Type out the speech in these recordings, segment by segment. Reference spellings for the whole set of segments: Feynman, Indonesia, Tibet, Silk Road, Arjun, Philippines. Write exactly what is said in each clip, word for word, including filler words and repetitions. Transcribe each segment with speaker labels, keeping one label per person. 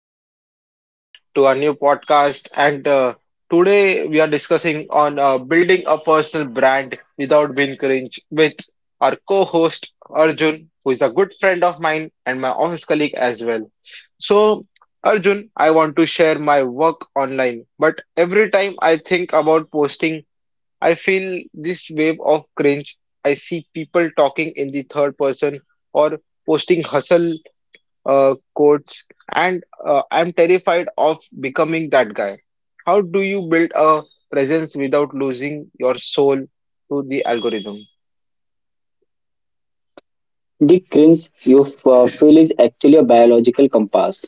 Speaker 1: and welcome back to our new podcast. And uh, today we are discussing on uh, building a personal brand without being cringe with our co-host Arjun, who is a good friend of mine and my office colleague as well. So, Arjun, I want to share my work online, but every time I think about posting I feel this wave of cringe. I see people talking in the third person or posting hustle uh, quotes, and uh, I'm terrified of becoming that guy. How do you build a presence without losing your soul to the algorithm?
Speaker 2: The cringe you f- uh, feel is actually a biological compass.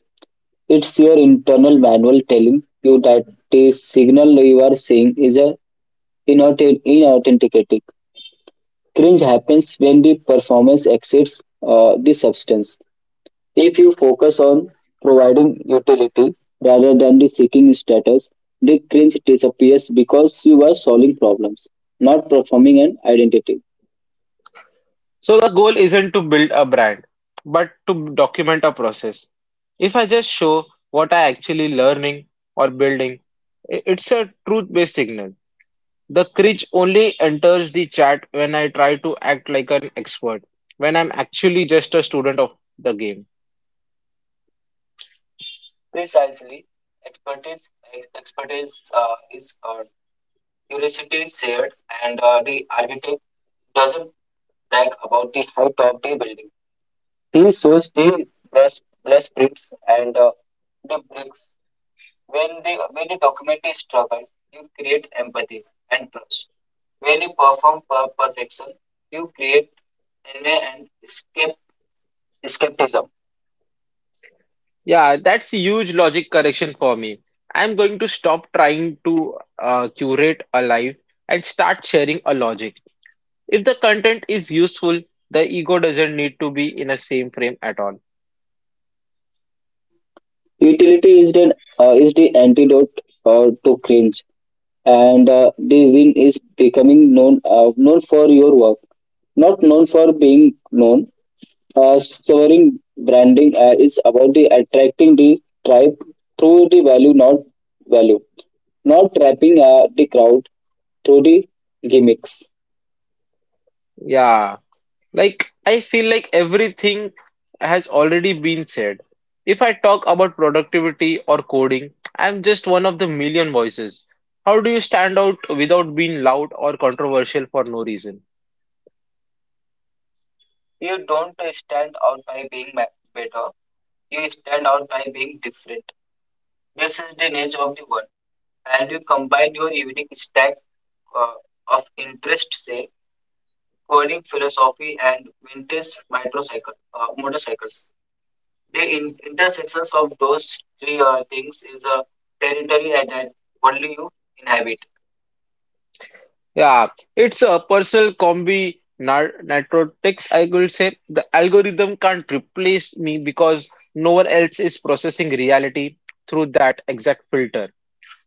Speaker 2: It's your internal manual telling you that the signal you are seeing is a inauthentic. Inauthentic. Cringe happens when the performance exceeds uh, the substance. If you focus on providing utility rather than the seeking status, the cringe disappears because you are solving problems, not performing an identity.
Speaker 1: So the goal isn't to build a brand, but to document a process. If I just show what I actually learning or building, i- it's a truth-based signal. The cringe only enters the chat when I try to act like an expert, when I'm actually just a student of the game.
Speaker 2: Precisely, expertise, ex- expertise uh, is Curiosity is shared, and uh, the architect doesn't brag about the height of the building. He shows the brass, brass prints and uh, the bricks. When they when you document the struggle, you create empathy and trust. When you perform per perfection, you create an, an escape, escapism.
Speaker 1: Yeah, that's a huge logic correction for me. I'm going to stop trying to uh, curate a life and start sharing a logic. If the content is useful, the ego doesn't need to be in the same frame at all.
Speaker 2: Utility is the uh, is the antidote uh, to cringe. and uh, the win is becoming known, uh, known for your work, not known for being known. Uh, soaring branding uh, is about the attracting the tribe through the value not value, not trapping uh, the crowd through the gimmicks.
Speaker 1: Yeah. Like, I feel like everything has already been said. If I talk about productivity or coding, I'm just one of the million voices. How do you stand out without being loud or controversial for no reason?
Speaker 2: Here is of interest, say coding philosophy and vintage motorcycle uh, motorcycles. The in- intersections of those three uh, things is a territory that, that only you inhabit.
Speaker 1: Yeah, it's a personal combi nar- narcotics, I will say. The algorithm can't replace me because no one else is processing reality through that exact filter.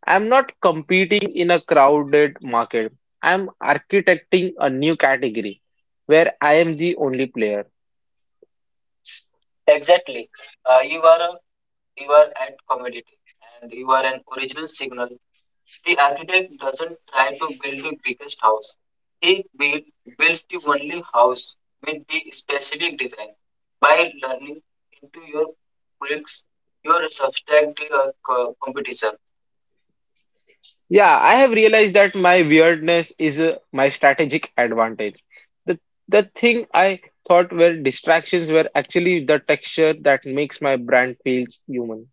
Speaker 1: I'm not competing in a crowded market. I'm architecting a new category where I am the only player.
Speaker 2: Exactly. Uh, you are a, you are at commodity and you are an original signal. The architect doesn't try to build the biggest house. He build, builds the only house with the specific design. By learning into your bricks, your subtract the uh,
Speaker 1: Yeah, I have realized that my weirdness is uh, my strategic advantage. The the thing I thought were distractions were actually the texture that makes my brand feels human.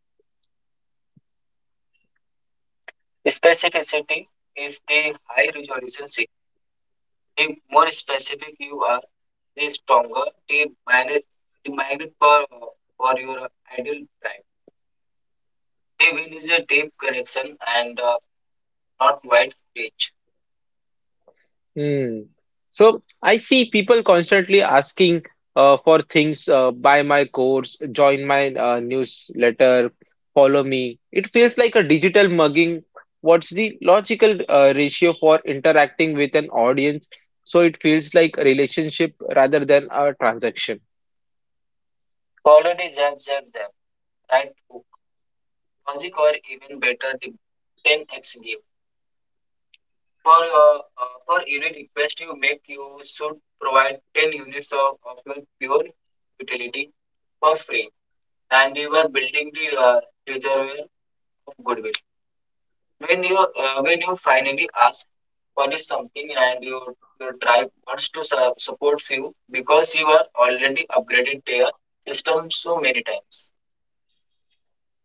Speaker 1: Hmm. So I see people constantly asking uh, for things, uh, buy my course, join my uh, newsletter, follow me. It feels like a digital mugging. What's the logical uh, ratio for interacting with an audience? So it feels like a relationship rather than a transaction.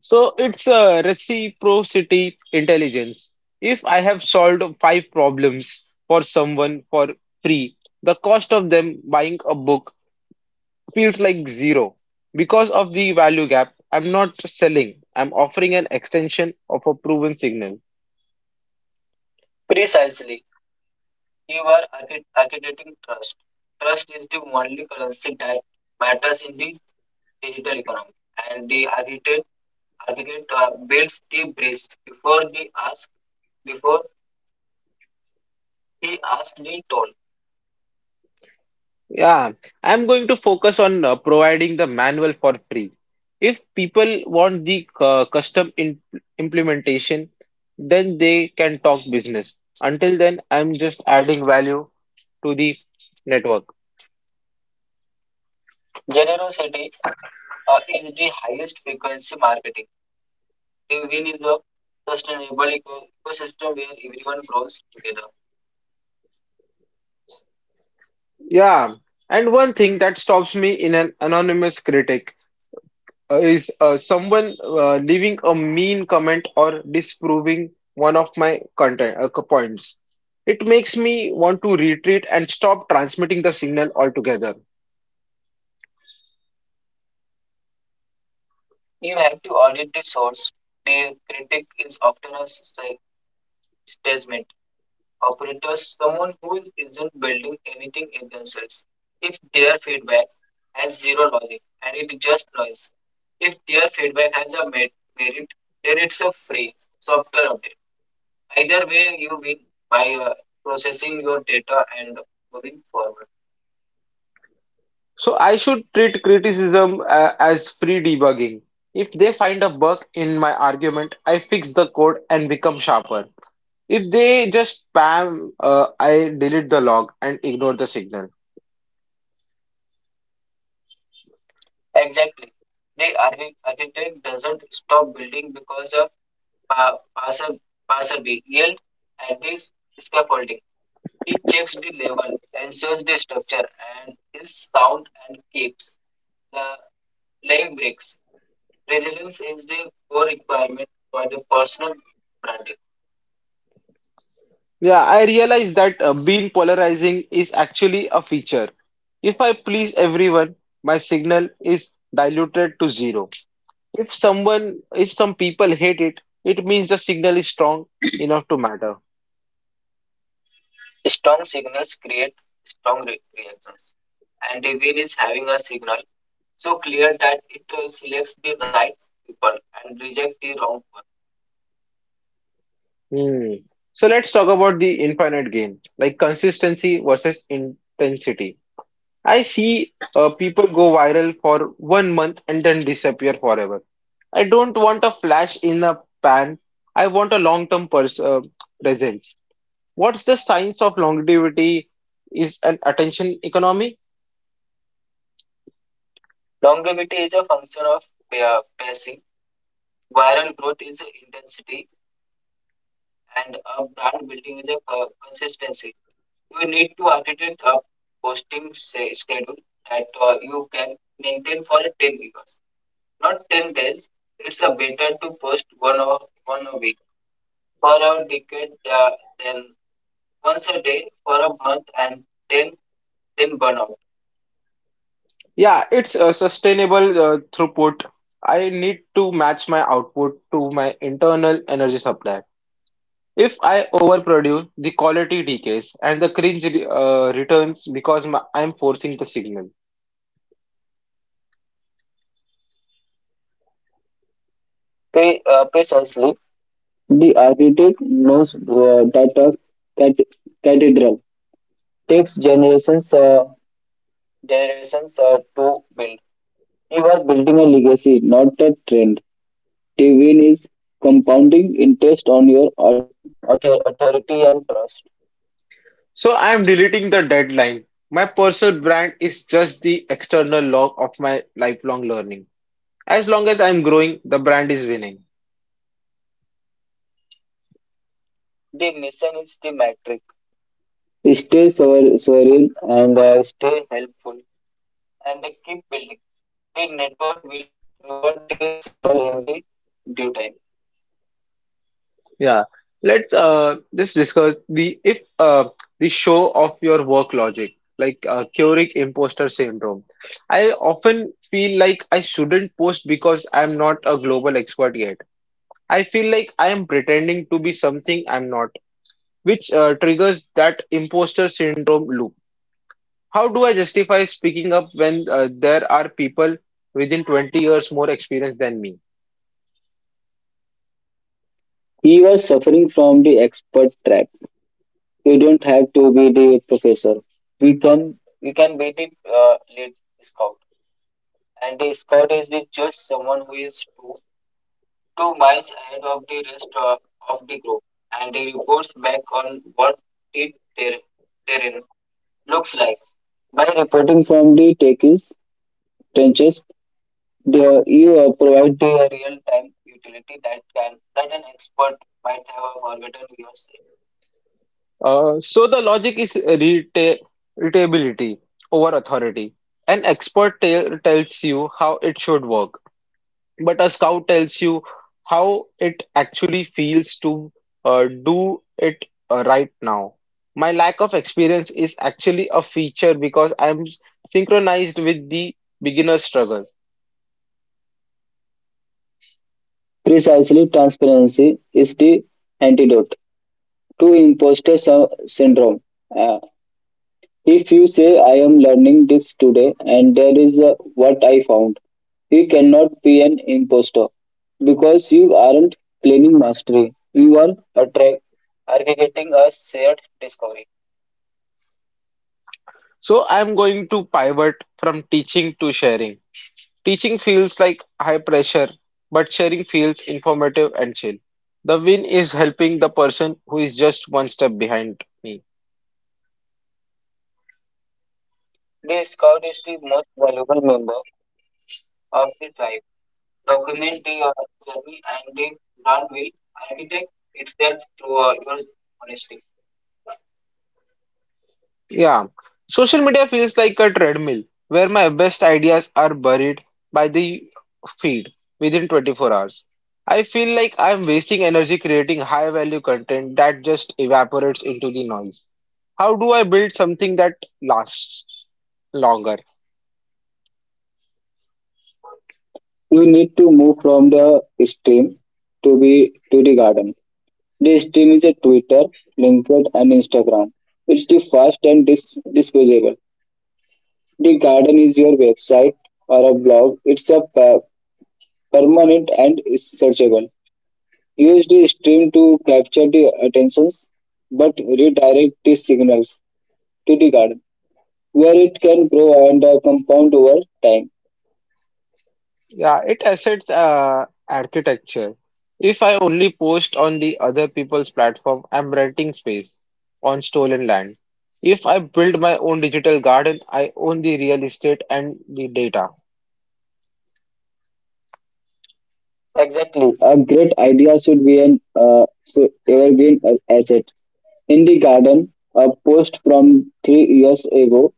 Speaker 1: So it's a reciprocity intelligence. If I have solved five problems for someone for free, the cost of them buying a book feels like zero. Because of the value gap, I'm not selling, I'm offering an extension of a proven signal. Yeah, I'm going to focus on uh, providing the manual for free. If people want the uh, custom in implementation, then they can talk business. Until then, I'm just adding value to the network. Yeah, and one thing that stops me in an anonymous critic uh, is uh, someone uh, leaving a mean comment or disproving one of my content uh, co- points. It makes me want to retreat and stop transmitting the signal altogether. So I should treat criticism uh, as free debugging. If they find a bug in my argument, I fix the code and become sharper. If they just spam, uh, I delete the log and ignore the signal. Yeah, I realize that uh, being polarizing is actually a feature. If I please everyone, my signal is diluted to zero. If someone, if some people hate it, it means the signal is strong enough to matter. Hmm. So let's talk about the infinite game, like consistency versus intensity. I see uh, people go viral for one month and then disappear forever. I don't want a flash in a pan. I want a long-term pers uh, presence. What's the science of longevity? Is an attention economy? Yeah, it's a sustainable uh, throughput. I need to match my output to my internal energy supply. If I overproduce, the quality decays and the cringe re- uh, returns because my, I'm forcing the signal.
Speaker 2: pay, uh, precisely. The architect knows uh, that a cat- cathedral takes generations. Uh, you are building a legacy, not a train. Dividend is compounding interest on your art.
Speaker 1: So I'm deleting the deadline. My personal brand is just the external log of my lifelong learning. As long as I'm growing, the brand is winning.
Speaker 2: art- Stay sover- sovereign and uh, stay helpful. Big network will reward the signal in the due time.
Speaker 1: Yeah. Let's uh just discuss the if uh the show of your work logic, like uh, Keurig imposter syndrome. I often feel like I shouldn't post because I'm not a global expert yet. I feel like I am pretending to be something I'm not, which uh, triggers that imposter syndrome loop. How do I justify speaking up when uh, there are people within 20 years more experienced than me?
Speaker 2: You are suffering from the expert trap. You don't have to be the professor. We can we can be the uh, lead scout. Two miles ahead of the rest uh, of the group, and reports back on what the ter- terrain looks like. By reporting from the techies trenches, The you uh, provide a real-time utility that can that an expert might have forgotten years. ago.
Speaker 1: Uh, so the logic is reta- relatability over authority. An expert tell tells you how it should work, but a scout tells you how it actually feels to uh, do it uh, right now. My lack of experience is actually a feature because I'm synchronized with the beginner struggle.
Speaker 2: Precisely, transparency is the antidote to imposter sy- syndrome. Uh, if you say I am learning this today and there is, uh, what I found, you cannot be an imposter because you aren't claiming mastery. You are attra- aggregating a shared discovery.
Speaker 1: So I'm going to pivot from teaching to sharing. Teaching feels like high pressure, but sharing feels informative and chill. The win is helping the person who is just one step behind me. Yeah, social media feels like a treadmill where my best ideas are buried by the feed within twenty-four hours. I feel like I'm wasting energy creating high value content that just evaporates into the noise. How do I build something that lasts longer?
Speaker 2: You need to move from the stream to be to the garden. This team is a Twitter, LinkedIn, and Instagram. It's the fast and dis- disposable. The garden is your website or a blog. It's a per- permanent and is searchable. Use the stream to capture the attentions, but redirect the signals to the garden where it can grow and uh, compound over time.
Speaker 1: Yeah, it assets uh, architecture. If I only post on the other people's platform, I'm renting space on stolen land. If I build my own digital garden, I own the real estate and the data.
Speaker 2: Exactly. A great idea should be an uh, should ever be an asset. In the garden, a post from three years ago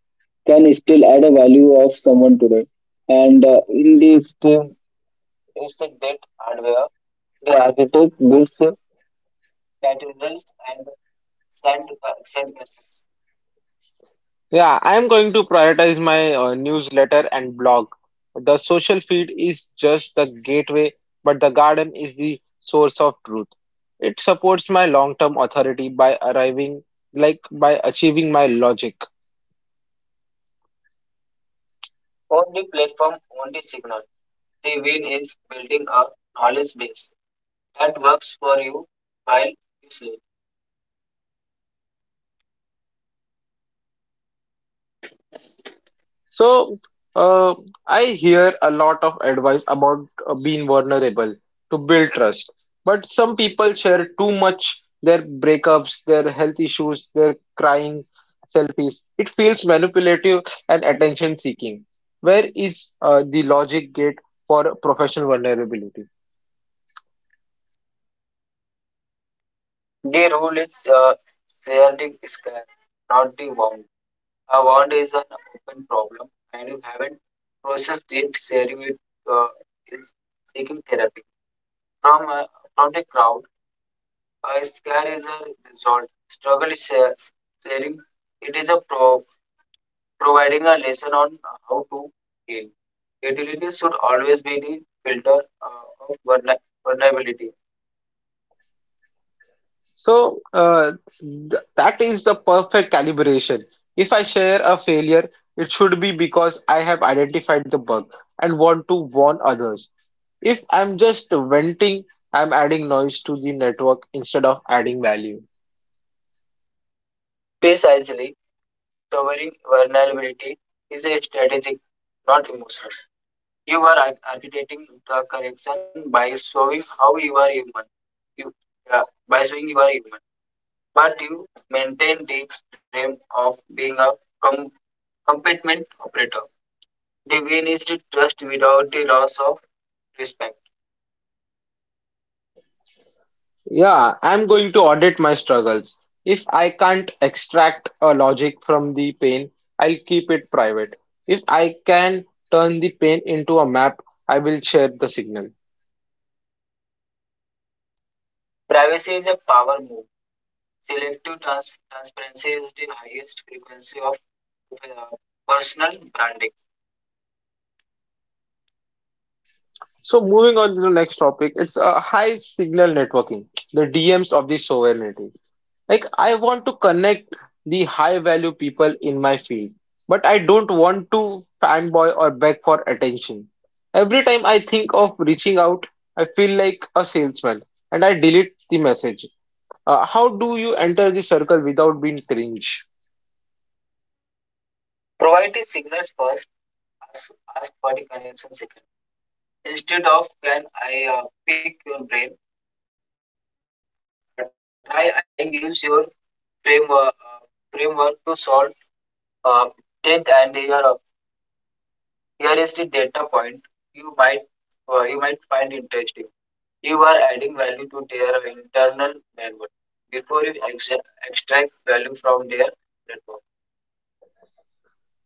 Speaker 2: can still add a value of someone today. And uh, in this, the architect builds
Speaker 1: Yeah, I'm going to prioritize my uh, newsletter and blog. The social feed is just the gateway, but the garden is the source of truth. It supports my long-term authority by arriving, like by achieving my logic. So, uh, I hear a lot of advice about uh, being vulnerable to build trust. But some people share too much their breakups, their health issues, their crying selfies. It feels manipulative and attention seeking. Where is uh, the logic gate for professional vulnerability? So uh, th- that is the perfect calibration. If I share a failure, it should be because I have identified the bug and want to warn others. If I'm just venting, I'm adding noise to the network instead of adding value. Yeah, I'm going to audit my struggles. If I can't extract a logic from the pain, I'll keep it private. If I can turn the pain into a map, I will share the signal. So moving on to the next topic, it's a high signal networking, the D Ms of the sovereignty. Like I want to connect the high value people in my field, but I don't want to fanboy or beg for attention. Every time I think of reaching out, I feel like a salesman and I delete the message. Uh, how do you enter the circle without being cringe?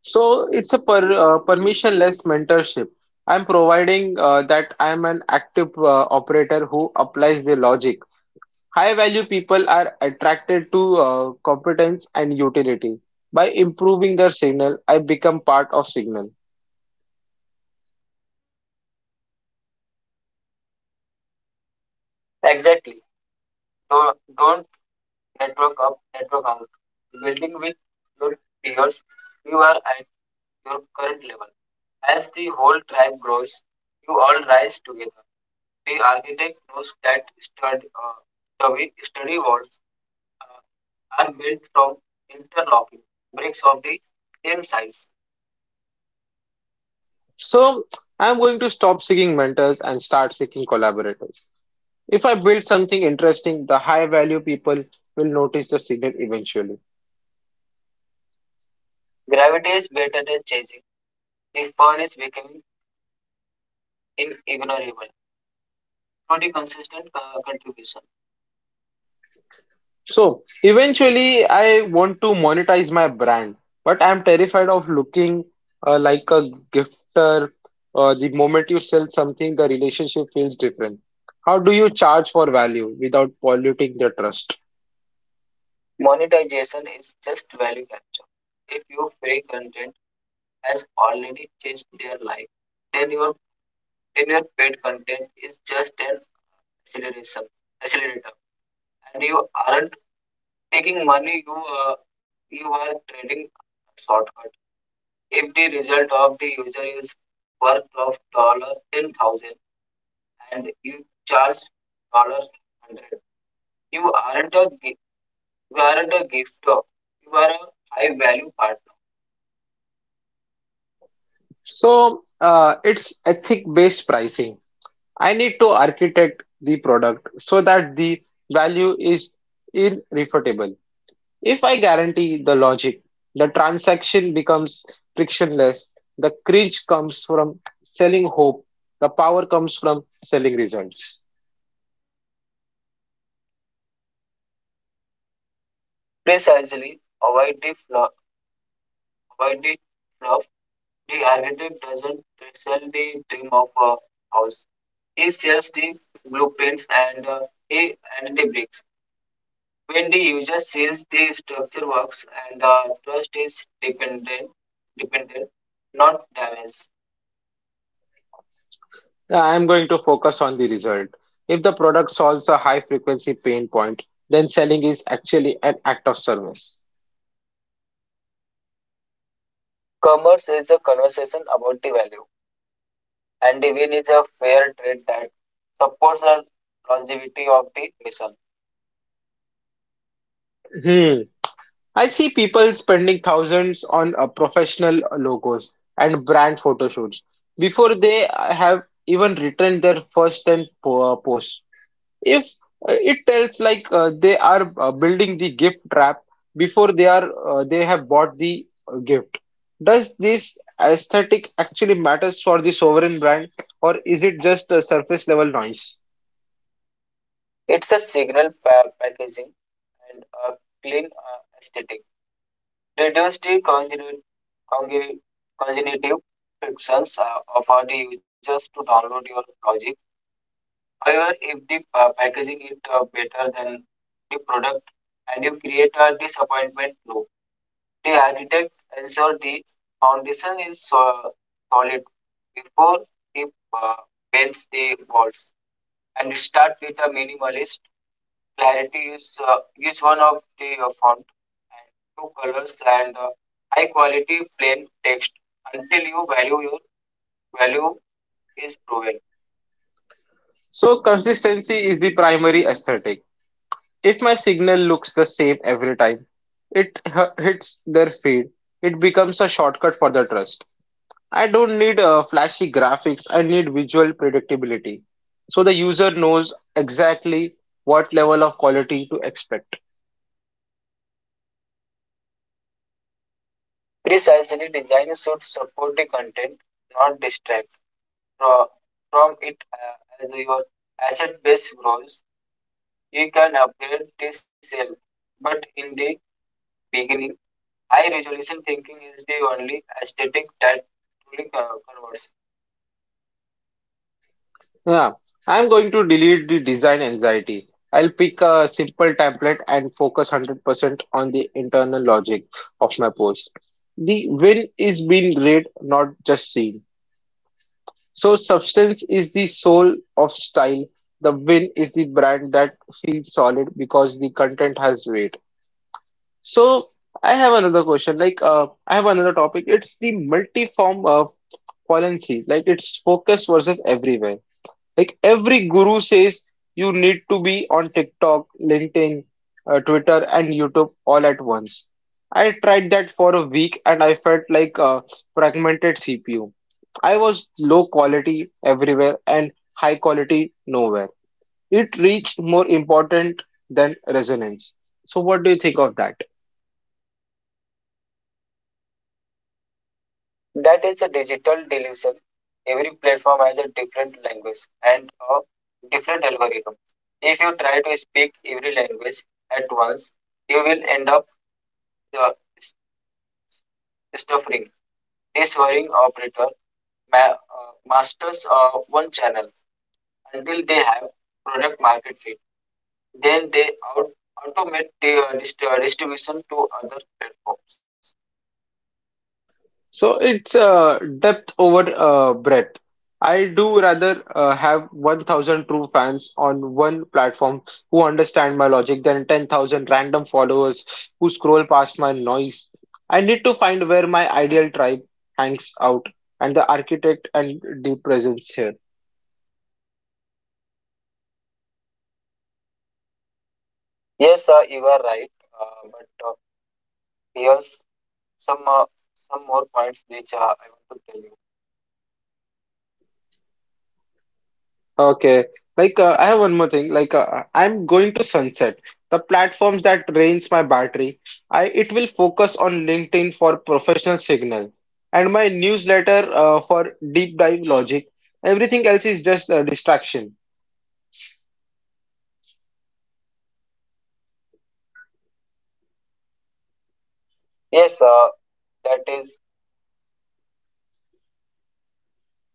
Speaker 1: So it's a per, uh, permissionless mentorship. I'm providing uh, that I'm an active uh, operator who applies the logic. High value people are attracted to uh, competence and utility. By improving their signal, I become part of signal. So I'm going to stop seeking mentors and start seeking collaborators. If I build something interesting, the high value people will notice the signal eventually. So eventually, I want to monetize my brand, but I'm terrified of looking uh, like a gifter. Uh, the moment you sell something, the relationship feels different. How do you charge for value without polluting the trust? So uh, it's ethic-based pricing. I need to architect the product so that the value is irrefutable. If I guarantee the logic, the transaction becomes frictionless, the cringe comes from selling hope, the power comes from selling results. I'm going to focus on the result. If the product solves a high frequency pain point, then selling is actually an act of service. Hmm. I see people spending thousands on uh, professional logos and brand photo shoots before they have even written their first ten po- uh, posts. If uh, it tells like uh, they are uh, building the gift trap before they are uh, they have bought the uh, gift. Does this aesthetic actually matters for the sovereign brand, or is it just a surface level noise? So consistency is the primary aesthetic. If my signal looks the same every time it h- hits their feed, it becomes a shortcut for the trust. I don't need uh, flashy graphics, I need visual predictability. So the user knows exactly what level of quality to expect. Yeah, I'm going to delete the design anxiety. I'll pick a simple template and focus one hundred percent on the internal logic of my post. The win is being read, not just seen. So substance is the soul of style. The win is the brand that feels solid because the content has weight. So I have another question. Like, uh, I have another topic. It's the multi-form of policy. Like, it's focus versus everywhere. Like, every guru says you need to be on TikTok, LinkedIn, uh, Twitter, and YouTube all at once. I tried that for a week and I felt like a fragmented C P U. I was low quality everywhere and high quality nowhere. It reached more important than resonance. So, what do you think of that? So it's uh, depth over uh, breadth. I do rather uh, have one thousand true fans on one platform who understand my logic than ten thousand random followers who scroll past my noise. I need to find where my ideal tribe hangs out and the architect and deep presence here. Okay. Like, uh, I have one more thing. Like, uh, I'm going to sunset the platforms that drains my battery. I It will focus on LinkedIn for professional signal and my newsletter uh, for deep dive logic. Everything else is just a distraction.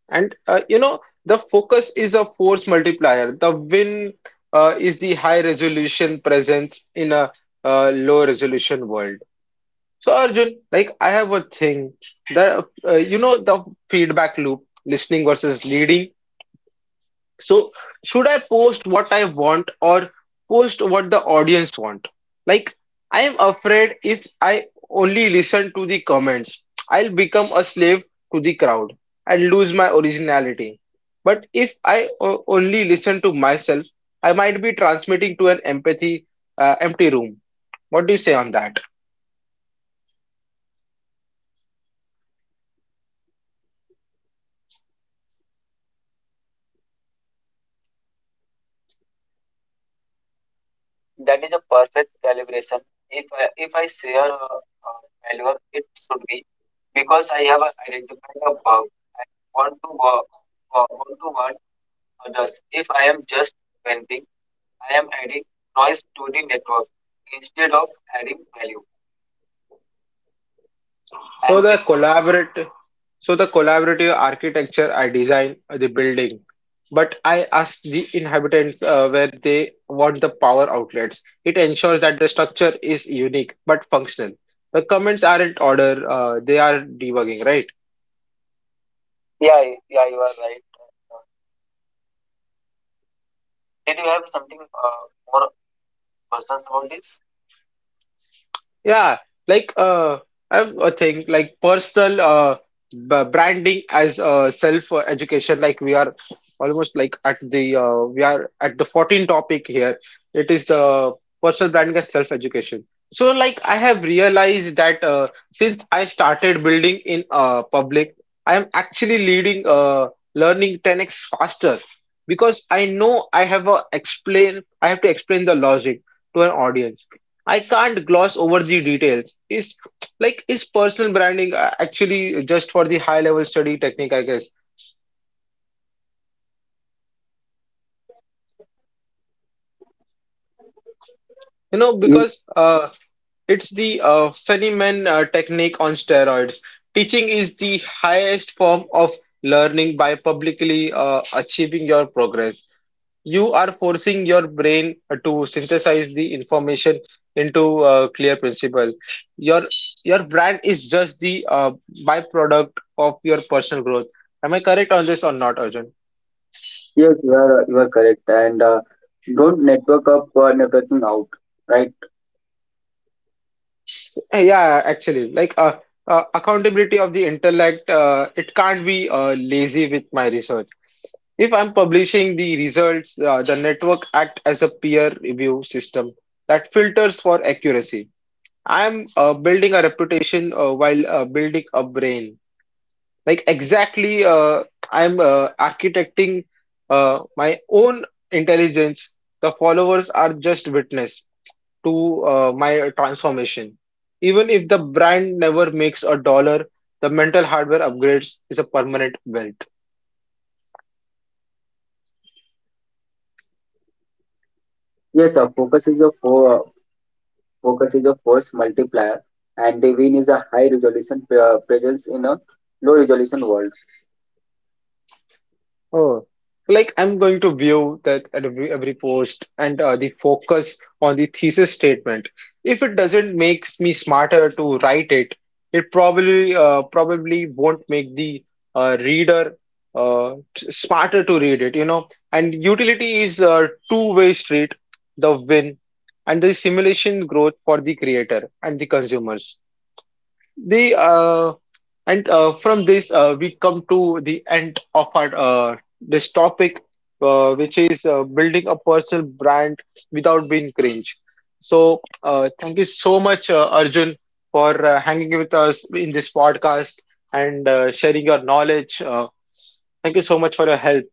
Speaker 1: And uh, you know, the focus is a force multiplier. The win uh, is the high resolution presence in a uh, low resolution world. So Arjun, like I have a thing that uh, you know the feedback loop, listening versus leading. So should I post what I want or post what the audience want? Like I am afraid if I only listen to the comments, I'll become a slave to the crowd and lose my originality. But if I o- only listen to myself, I might be transmitting to an empathy uh, empty room. What do you say on that? So the collaborative, so the collaborative architecture, I design the building, but I ask the inhabitants uh, where they want the power outlets. It ensures that the structure is unique but functional. The comments aren't order, uh, they are debugging, right? Yeah, like uh, I have a thing like personal uh b- branding as uh self uh, education. Like we are almost like at the uh, we are at the fourteenth topic here. It is the personal branding as self education. So like I have realized that uh, since I started building in uh public, I am actually leading uh learning ten x faster because I know I have a explain I have to explain the logic to an audience. I can't gloss over the details. Is like is personal branding uh, actually just for the high level study technique, I guess. You know, because uh, it's the uh, Feynman uh, technique on steroids. Teaching is the highest form of learning by publicly uh, achieving your progress. You are forcing your brain to synthesize the information into a clear principle. Your your brand is just the uh, byproduct of your personal growth. Am I correct on this or not, Arjun? Yeah, actually, like uh, uh, accountability of the intellect, uh, it can't be uh, lazy with my research. If I'm publishing the results, uh, the network act as a peer review system that filters for accuracy. I'm uh, building a reputation uh, while uh, building a brain. Like exactly, uh, I'm uh, architecting uh, my own intelligence. The followers are just witness to uh, my transformation. Even if the brand never makes a dollar, the mental hardware upgrades is a permanent wealth. Oh, like I'm going to view that at every every post and uh, the focus on the thesis statement. If it doesn't makes me smarter to write it, it probably uh, probably won't make the uh, reader uh, t- smarter to read it, you know. And utility is a two-way street, the win and the simulation growth for the creator and the consumers. The uh, and uh, From this uh, we come to the end of our uh, this topic, uh, which is uh, building a personal brand without being cringe. So uh, thank you so much, uh, Arjun, for uh, hanging with us in this podcast and uh, sharing your knowledge. Uh, thank you so much for your help.